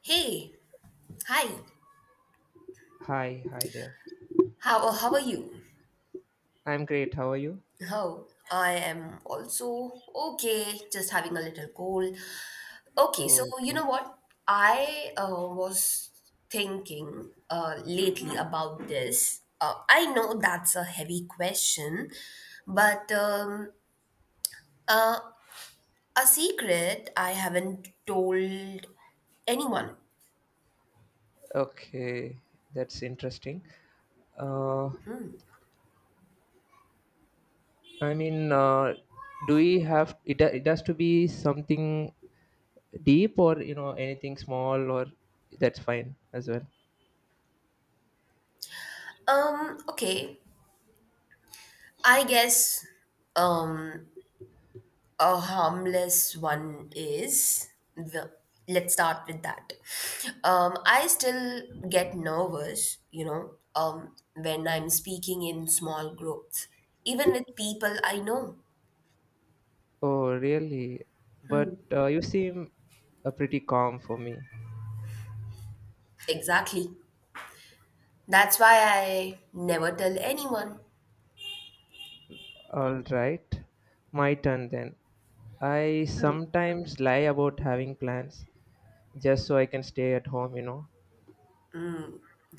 Hey, hi. Hi, hi there. How are you? I'm great. How are you? Oh, I am also okay. Just having a little cold. Okay, so Oh, you okay. know what? I was thinking lately about this. I know that's a heavy question, but uh, a secret I haven't told anyone. Okay, that's interesting. Uh, I mean, do we have it? It has to be something deep, or you know, anything small, or that's fine as well. Okay. I guess um a harmless one is the let's start with that. I still get nervous when I'm speaking in small groups, even with people I know. Oh, really? But you seem pretty calm for me. Exactly, that's why I never tell anyone. All right, my turn then. I sometimes lie about having plans just so I can stay at home, you know.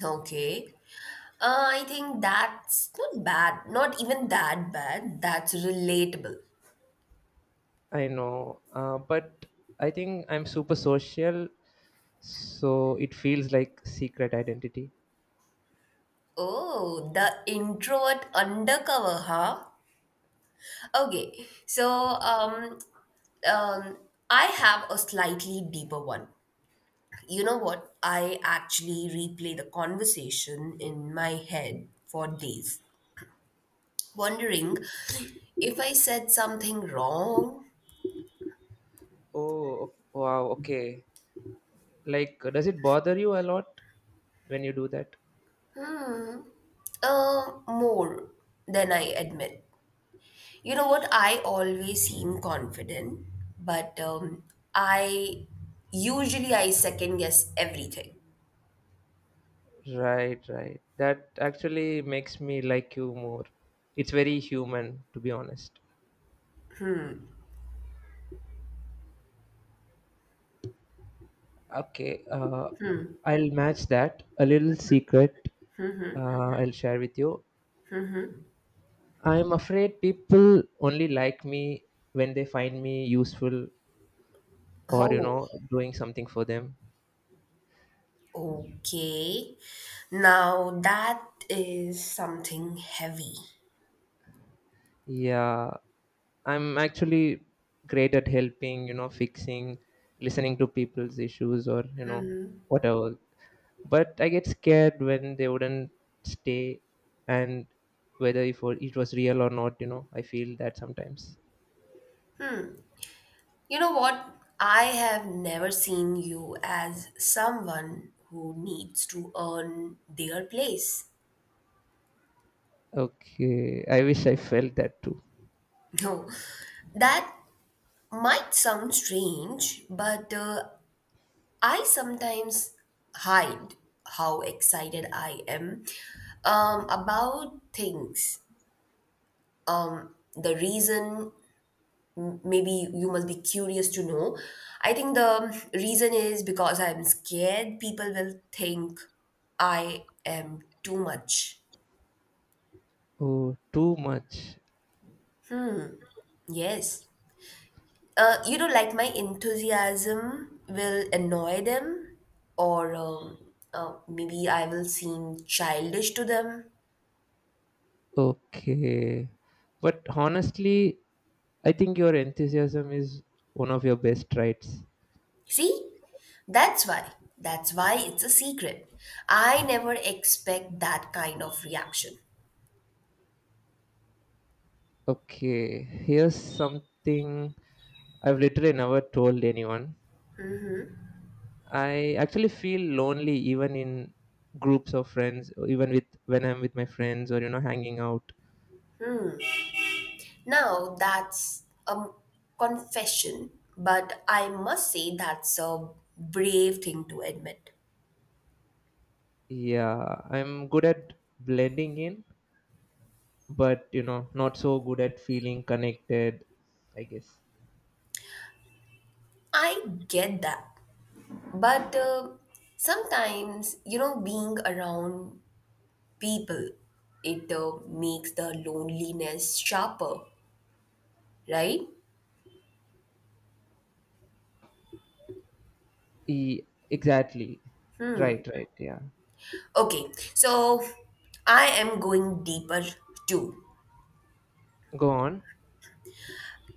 Okay, I think that's not bad not even that bad, that's relatable. I know, but I think I'm super social, so it feels like secret identity. Oh, the introvert undercover, huh? Okay, so um, Um, I have a slightly deeper one. You know what? I actually replay the conversation in my head for days, wondering if I said something wrong. Oh, wow, okay. Like, does it bother you a lot when you do that? More than I admit. You know what? I always seem confident, but I usually I second guess everything. Right, right. That actually makes me like you more. It's very human, to be honest. Okay, I'll match that. A little secret I'll share with you. I'm afraid people only like me when they find me useful or Oh, doing something for them. okay. Now that is something heavy. Yeah, I'm actually great at helping, fixing, listening to people's issues, or whatever. But I get scared when they wouldn't stay, and whether if it was real or not, I feel that sometimes. You know what? I have never seen you as someone who needs to earn their place. Okay, I wish I felt that too. No, that might sound strange, but I sometimes hide how excited I am about things. The reason, maybe you must be curious to know. I think the reason is because I'm scared people will think I am too much. Oh, too much. Yes. You know, like my enthusiasm will annoy them, or maybe I will seem childish to them. Okay, but honestly, I think your enthusiasm is one of your best traits. See? That's why. That's why it's a secret. I never expect that kind of reaction. Okay, here's something I've literally never told anyone. I actually feel lonely even in groups of friends, or even with when I'm with my friends or hanging out. Now that's a confession, but I must say that's a brave thing to admit. Yeah, I'm good at blending in, but not so good at feeling connected, I guess. I get that, but sometimes, you know, being around people, it makes the loneliness sharper, right? E- exactly. Right, right, yeah. Okay, so I am going deeper too. Go on.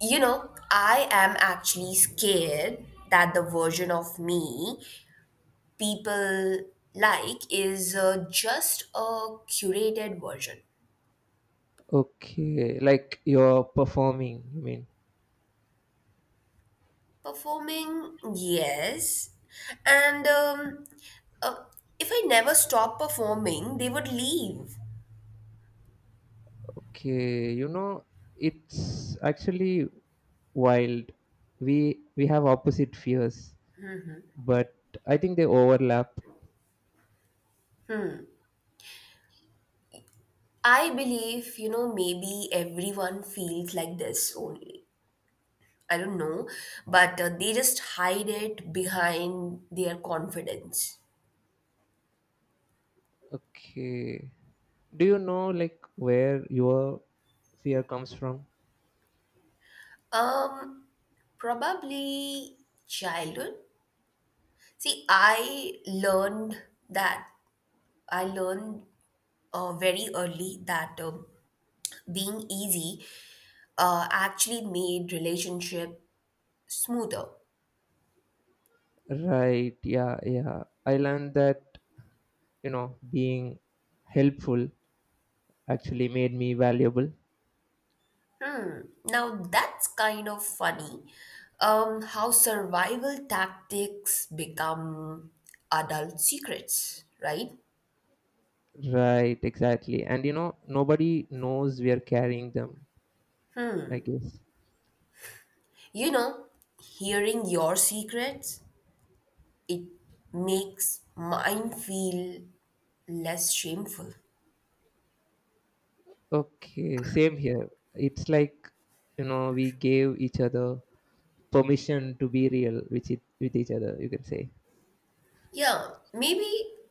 You know, I am actually scared that the version of me people like is just a curated version. Okay, like you're performing, you mean? Performing, yes. And uh, if I never stop performing, they would leave. Okay, you know, it's actually wild. We have opposite fears, but I think they overlap. I believe, you know, maybe everyone feels like this only. I don't know, but they just hide it behind their confidence. Okay. Do you know like where your fear comes from? Um, probably childhood. See, that I learned very early that being easy actually made relationship smoother. Right, yeah, yeah. I learned that, you know, being helpful actually made me valuable. Now that's kind of funny. How survival tactics become adult secrets, right? Right, exactly. And you know, nobody knows we are carrying them, I guess. You know, hearing your secrets, it makes mine feel less shameful. Okay, same here. It's like you know we gave each other permission to be real with it, with each other. You can say Yeah, maybe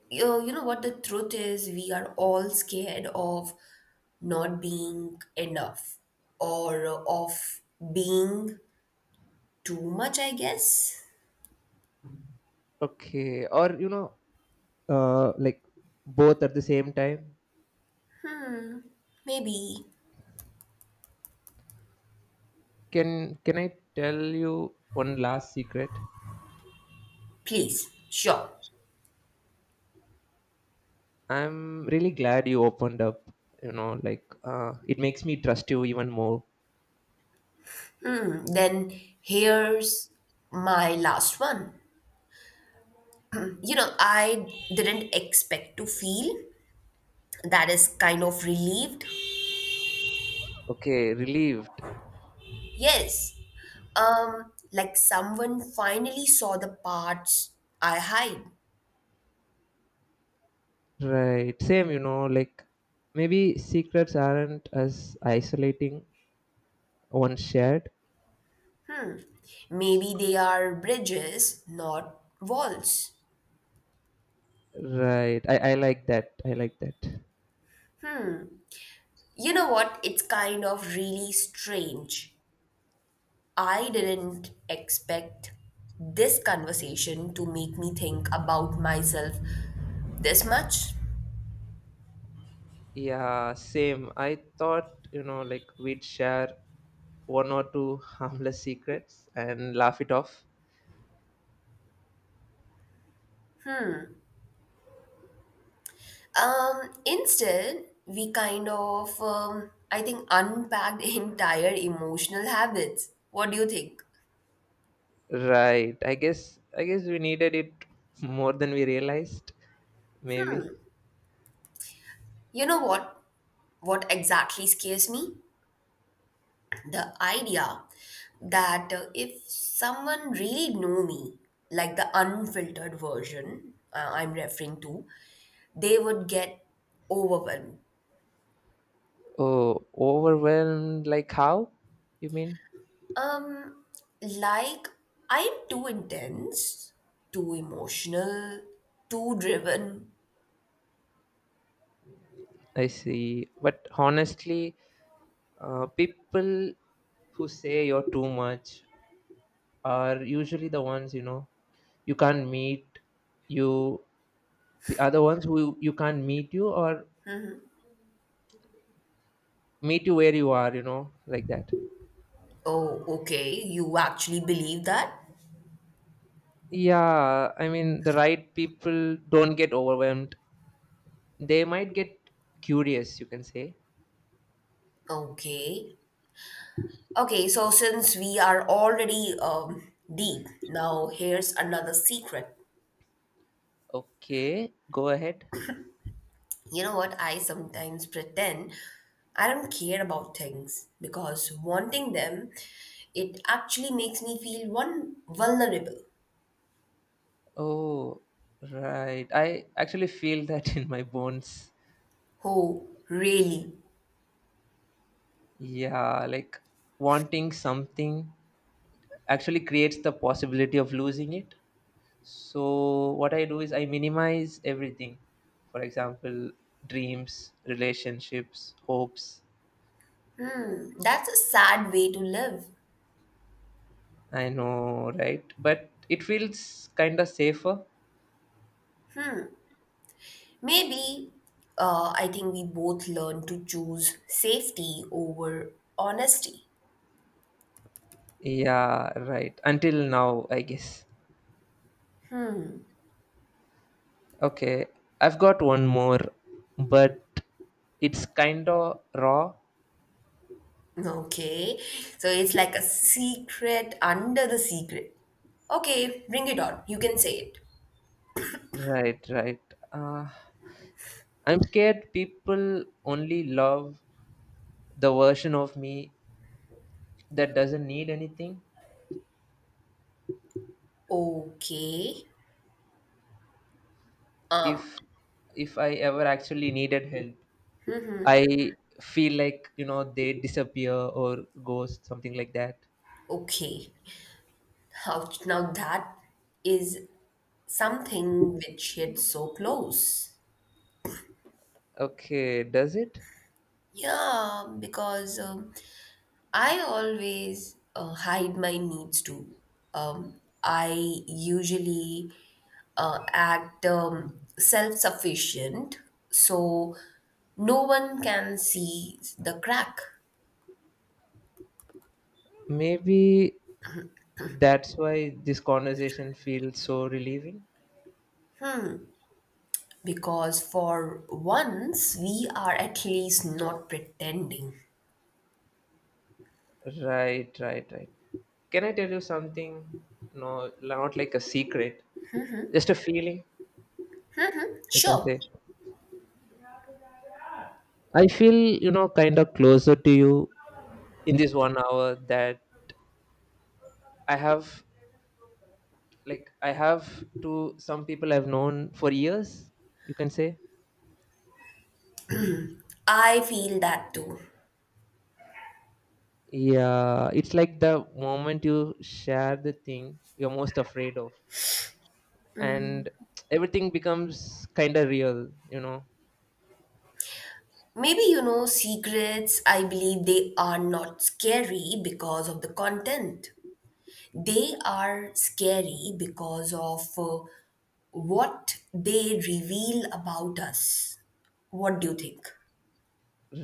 you know what the truth is, we are all scared of not being enough or of being too much, I guess. okay, or you know, like both at the same time. Maybe. Can I tell you one last secret? Please. Sure. I'm really glad you opened up. You know, like it makes me trust you even more. Then here's my last one. You know, I didn't expect to feel that is kind of relieved. Okay, relieved. Yes. Um, like someone finally saw the parts I hide. Right, same. You know, like maybe secrets aren't as isolating once shared. Maybe they are bridges, not walls. Right. I like that. I like that. You know what? It's kind of really strange. I didn't expect this conversation to make me think about myself this much. Yeah, same. I thought, you know, like we'd share one or two harmless secrets and laugh it off. Instead, we kind of, I think, unpacked entire emotional habits. What do you think? Right. I guess we needed it more than we realized, maybe. You know what? What exactly scares me? The idea that if someone really knew me, like the unfiltered version, I'm referring to, they would get overwhelmed. Oh, overwhelmed like how? You mean? Um, like I'm too intense, too emotional, too driven. I see. But honestly, people who say you're too much are usually the ones, you know, you can't meet, you, the other ones who you can't meet you or meet you where you are, you know, like that. Oh, okay, you actually believe that? Yeah, I mean, the right people don't get overwhelmed. They might get curious, you can say. Okay. Okay, so since we are already deep, now here's another secret. Okay, go ahead. You know what? I sometimes pretend I don't care about things because wanting them, it actually makes me feel one vulnerable. Oh, right, I actually feel that in my bones. Oh, really? Yeah, like wanting something actually creates the possibility of losing it. So what I do is I minimize everything. For example, dreams, relationships, hopes. Hmm, that's a sad way to live. I know, right? But it feels kind of safer. Maybe I think we both learn to choose safety over honesty. Yeah, right. Until now, I guess. Okay, I've got one more, but it's kind of raw. Okay, so it's like a secret under the secret. Okay, bring it on. You can say it. Right, right. Uh, I'm scared people only love the version of me that doesn't need anything. Okay, If if I ever actually needed help, I feel like you know they disappear or ghost something like that. okay. Ouch, now that is something which hits so close. Okay, does it? Yeah, because I always hide my needs too. I usually act self sufficient, so no one can see the crack, Maybe that's why this conversation feels so relieving. because for once we are at least not pretending. Right. Can I tell you something? No, not like a secret, just a feeling. You can Sure, say. I feel, you know, kind of closer to you in this 1 hour that I have, like I have to some people I've known for years, you can say. I feel that too. Yeah, it's like the moment you share the thing you're most afraid of, and everything becomes kind of real, you know. Maybe, you know, secrets, I believe they are not scary because of the content. They are scary because of what they reveal about us. What do you think?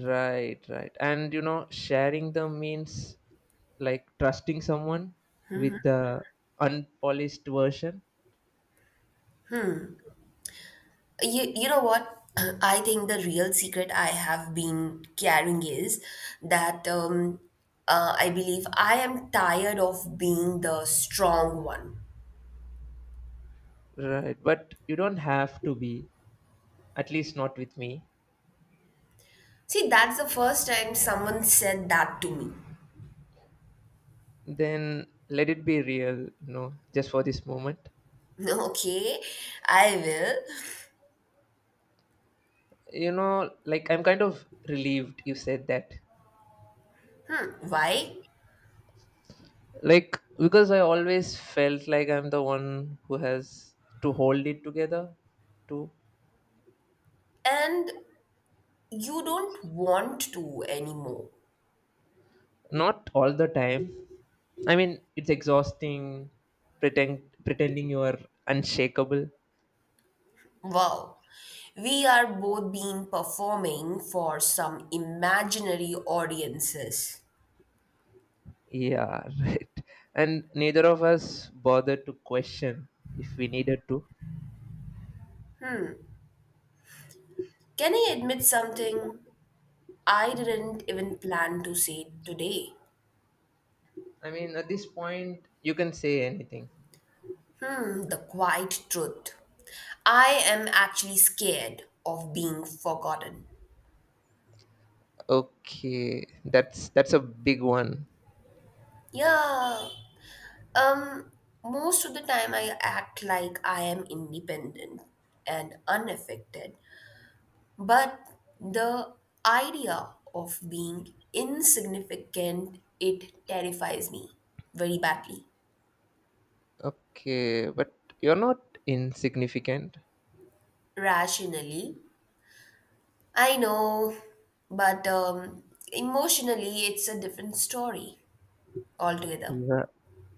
Right, right. And you know, sharing them means like trusting someone with the unpolished version. You know what? I think the real secret I have been carrying is that I believe I am tired of being the strong one. Right, but you don't have to be, at least not with me. See, that's the first time someone said that to me. Then let it be real, you know, just for this moment. Okay, I will. You know, like I'm kind of relieved you said that. Why? Like because I always felt like I'm the one who has to hold it together too. And you don't want to anymore. Not all the time, I mean it's exhausting pretending you are unshakable. Wow. We are both being performing for some imaginary audiences. Yeah, right. And neither of us bothered to question if we needed to. Can I admit something I didn't even plan to say today? I mean at this point you can say anything. Hmm, the quiet truth. I am actually scared of being forgotten. Okay, that's a big one. Yeah. Um, most of the time, I act like I am independent and unaffected, but the idea of being insignificant, it terrifies me very badly. Okay, but you're not insignificant. Rationally, I know, but emotionally, it's a different story altogether. Ra-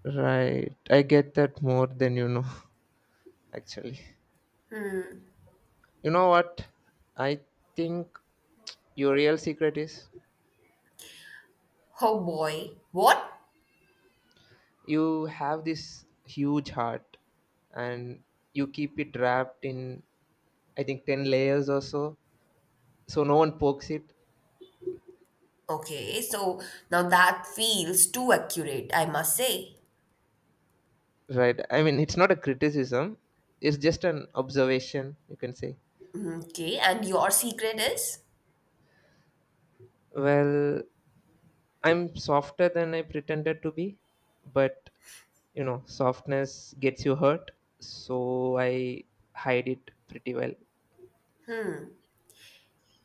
Right. I get that more than you know, actually. You know what? I think your real secret is Oh boy, what? you have this huge heart and you keep it wrapped in, I think, 10 layers or so. So no one pokes it. Okay, so now that feels too accurate, I must say. Right. I mean, it's not a criticism, it's just an observation, you can say. Okay, and your secret is, Well, I'm softer than I pretended to be, but you know, softness gets you hurt, so I hide it pretty well.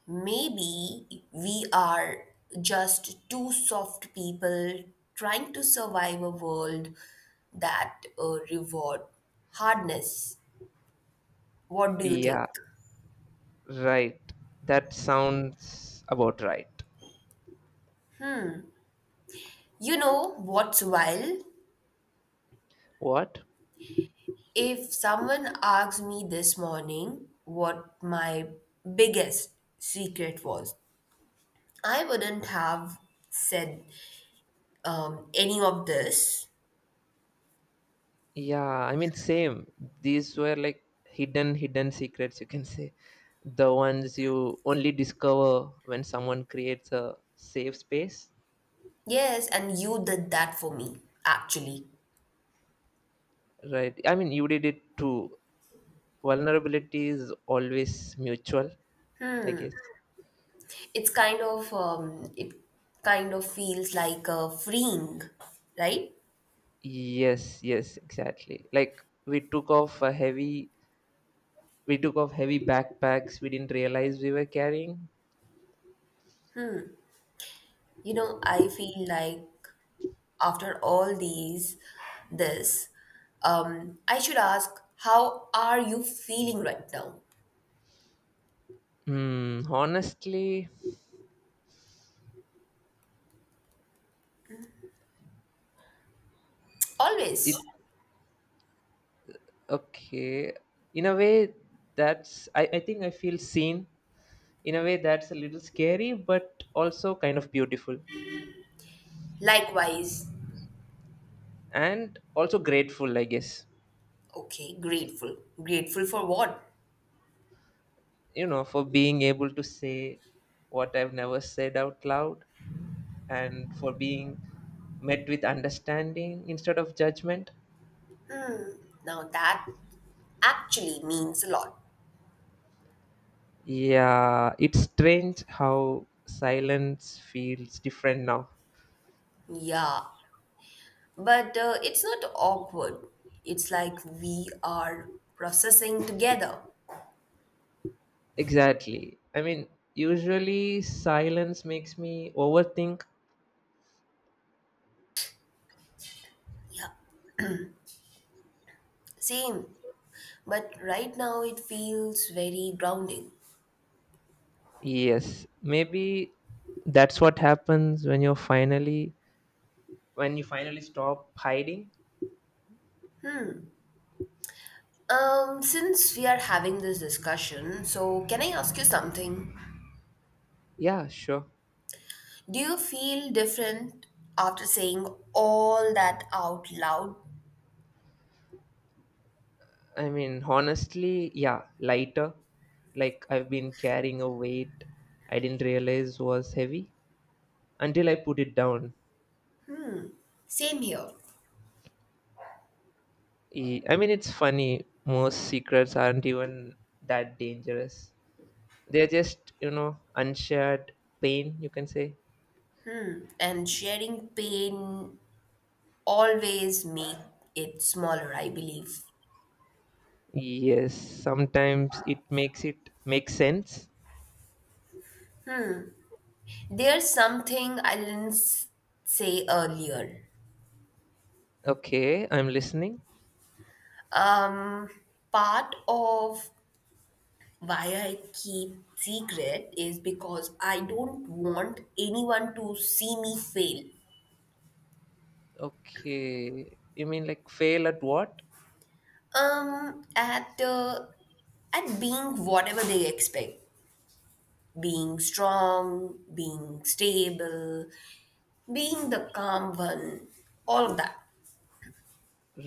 maybe we are just two soft people trying to survive a world that reward hardness. What do you think? Yeah, right. That sounds about right. You know what's wild? What? If someone asked me this morning what my biggest secret was, I wouldn't have said any of this. Yeah, I mean, same. These were like hidden secrets, you can say. The ones you only discover when someone creates a safe space, Yes, and you did that for me, actually. right? I mean, you did it too. Vulnerability is always mutual, I guess. It's kind of it kind of feels like freeing, right? Yes, yes, exactly. Like we took off heavy backpacks we didn't realize we were carrying. You know, I feel like after all these this, I should ask, how are you feeling right now? Hmm, honestly, it Always. okay. In a way that's I think I feel seen. In a way that's a little scary but also kind of beautiful. Likewise. And also grateful, I guess. Okay, grateful. Grateful for what? You know, for being able to say what I've never said out loud and for being met with understanding instead of judgment. Now that actually means a lot. Yeah, it's strange how silence feels different now. Yeah, but it's not awkward, it's like we are processing together. Exactly. I mean, usually silence makes me overthink. Yeah, same, but right now it feels very grounding. Yes, maybe that's what happens when you're finally when you finally stop hiding. Since we are having this discussion, so can I ask you something? Yeah, sure. Do you feel different after saying all that out loud? I mean, honestly, yeah, lighter. Like I've been carrying a weight I didn't realize was heavy until I put it down. Same here. I mean, it's funny. Most secrets aren't even that dangerous. They're just, you know, unshared pain, you can say. And sharing pain always make it smaller, I believe. Yes, sometimes it makes it make sense. There's something I didn't s- say earlier. Okay, I'm listening. Um, part of why I keep secret is because I don't want anyone to see me fail. Okay, you mean like fail at what? Um, at uh, at being whatever they expect, being strong, being stable, being the calm one, all of that.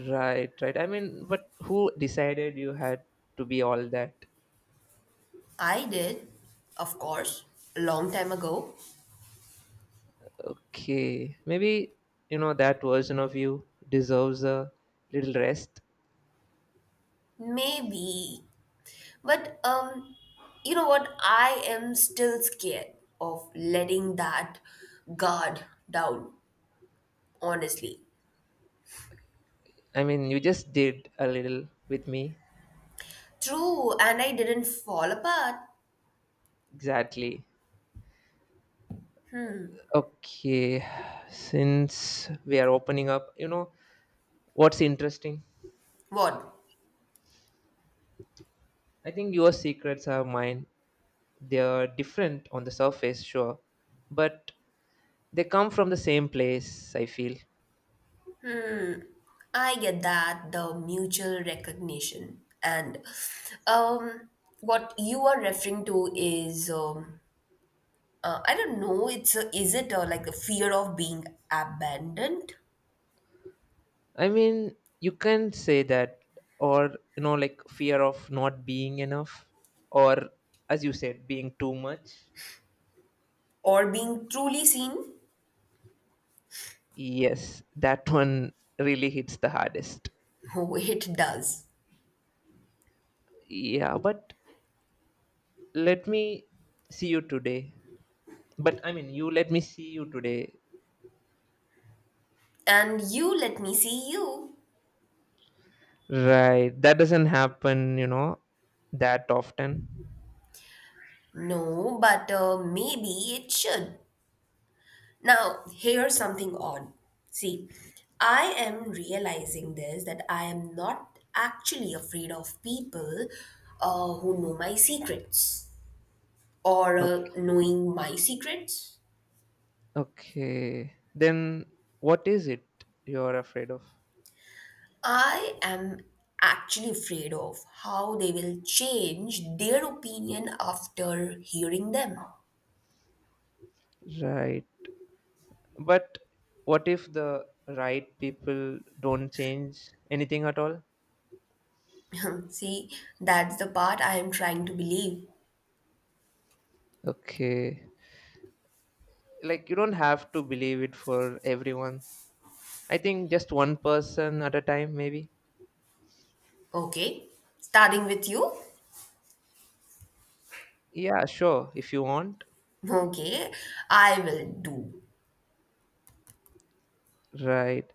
Right, right. I mean, but who decided you had to be all that? I did, of course, a long time ago, Okay, maybe, you know, that version of you deserves a little rest. maybe, but you know what? I am still scared of letting that guard down, honestly. I mean, you just did a little with me. True, and I didn't fall apart. Exactly. Okay, since we are opening up, you know, what's interesting? What? I think your secrets are mine. They are different on the surface, sure, but they come from the same place, I feel. I get that, the mutual recognition. And um, what you are referring to is, I don't know, is it like a fear of being abandoned I mean, you can say that, or, you know, like fear of not being enough, or, as you said, being too much. or being truly seen? Yes, that one really hits the hardest. Oh, it does. Yeah, but let me see you today but I mean you let me see you today. And you let me see you. Right, that doesn't happen, you know, that often. No, but maybe it should. Now, here's something odd. See, I am realizing this that I am not actually afraid of people who know my secrets or Okay, knowing my secrets. okay then, what is it you're afraid of? I am actually afraid of how they will change their opinion after hearing them. Right, but what if the right people don't change anything at all? See, that's the part I am trying to believe. Okay, like you don't have to believe it for everyone. I think just one person at a time, maybe. Okay, starting with you. Yeah, sure if you want. Okay, I will do. Right,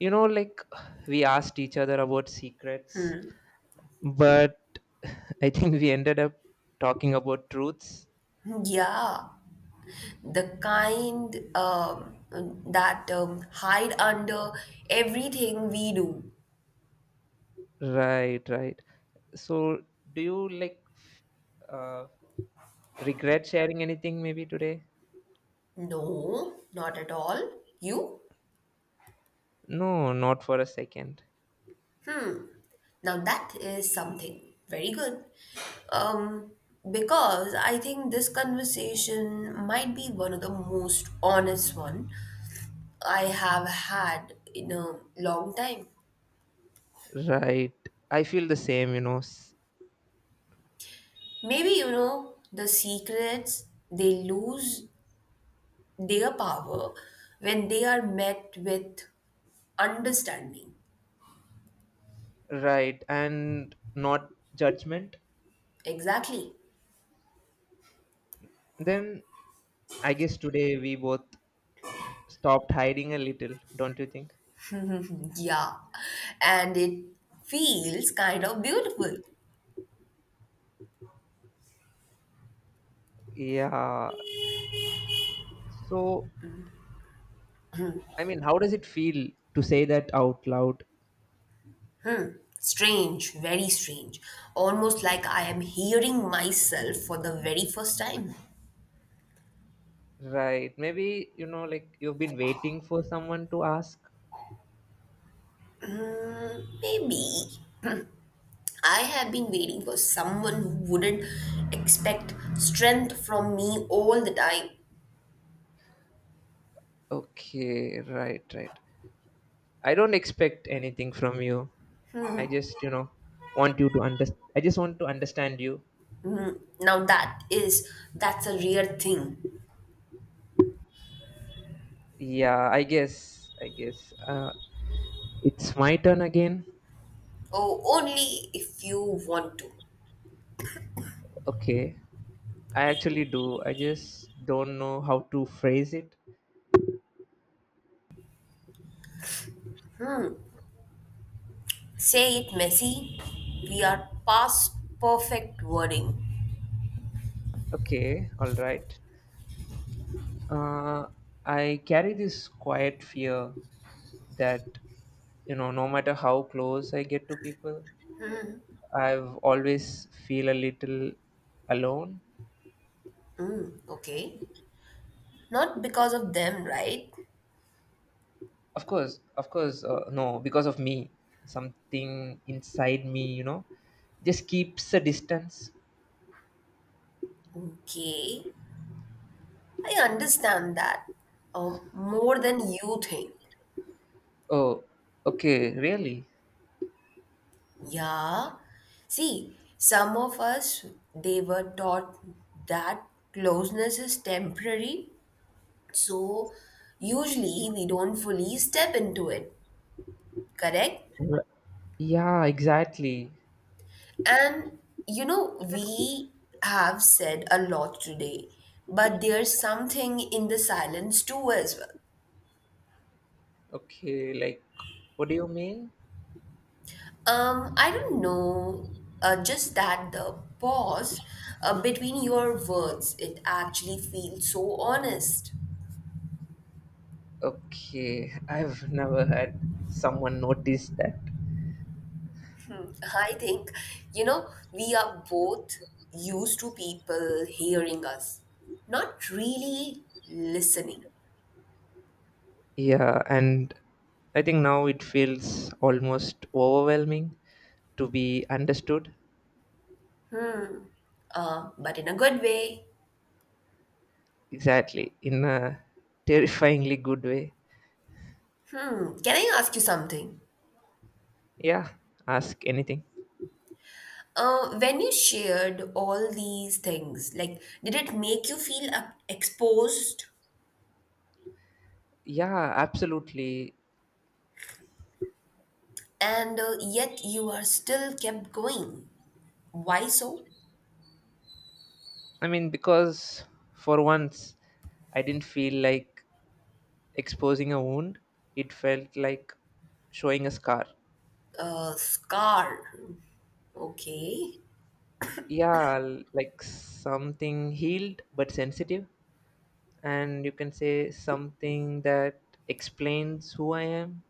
you know, like we asked each other about secrets, but I think we ended up talking about truths. Yeah, the kind that hide under everything we do. Right, right. So do you like uh, regret sharing anything maybe today? No, not at all. You? No, not for a second. Now that is something. Very good. Um, because I think this conversation might be one of the most honest one I have had in a long time. Right, I feel the same, you know, Maybe, you know, the secrets, they lose their power when they are met with understanding. right, and not judgment. Exactly. Then I guess today we both stopped hiding a little, don't you think? Yeah. And it feels kind of beautiful. Yeah, so I mean, how does it feel to say that out loud? Strange, very strange. Almost like I am hearing myself for the very first time. Right. Maybe, you know, like you've been waiting for someone to ask. Maybe I have been waiting for someone who wouldn't expect strength from me all the time. Okay, right, right. I don't expect anything from you. I just, you know, want you to understand. I just want to understand you. Mm, now that is, that's a rare thing. Yeah, I guess. I guess. It's my turn again. Oh, only if you want to. Okay. I actually do. I just don't know how to phrase it. Say it messy. We are past perfect wording. Okay, all right. Uh, I carry this quiet fear that you know no matter how close I get to people, I've always feel a little alone. Mm, okay. Not because of them, right? Of course, of course, no, because of me, something inside me, you know, just keeps a distance. Okay. I understand that. More than you think. Oh, okay, really? Yeah. See, some of us, they were taught that closeness is temporary. So, usually we don't fully step into it. Correct? R- yeah, exactly. And you know, we have said a lot today, but there's something in the silence too as well. Okay, like what do you mean? I don't know, just that the pause between your words, it actually feels so honest. Okay, I've never had someone notice that. Hmm, I think, you know, we are both used to people hearing us, not really listening, Yeah, and I think now it feels almost overwhelming to be understood. But in a good way. Exactly, in a terrifyingly good way. Hmm, can I ask you something? Yeah, ask anything. When you shared all these things, like, did it make you feel up exposed Yeah, absolutely. and yet you are still kept going? Why so? I mean, because for once I didn't feel like exposing a wound, it felt like showing a scar. Scar. Okay. Yeah, like something healed but sensitive. And you can say something that explains who I am.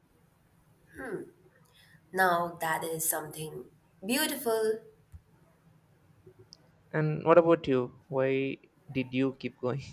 Now that is something beautiful. And what about you? Why did you keep going?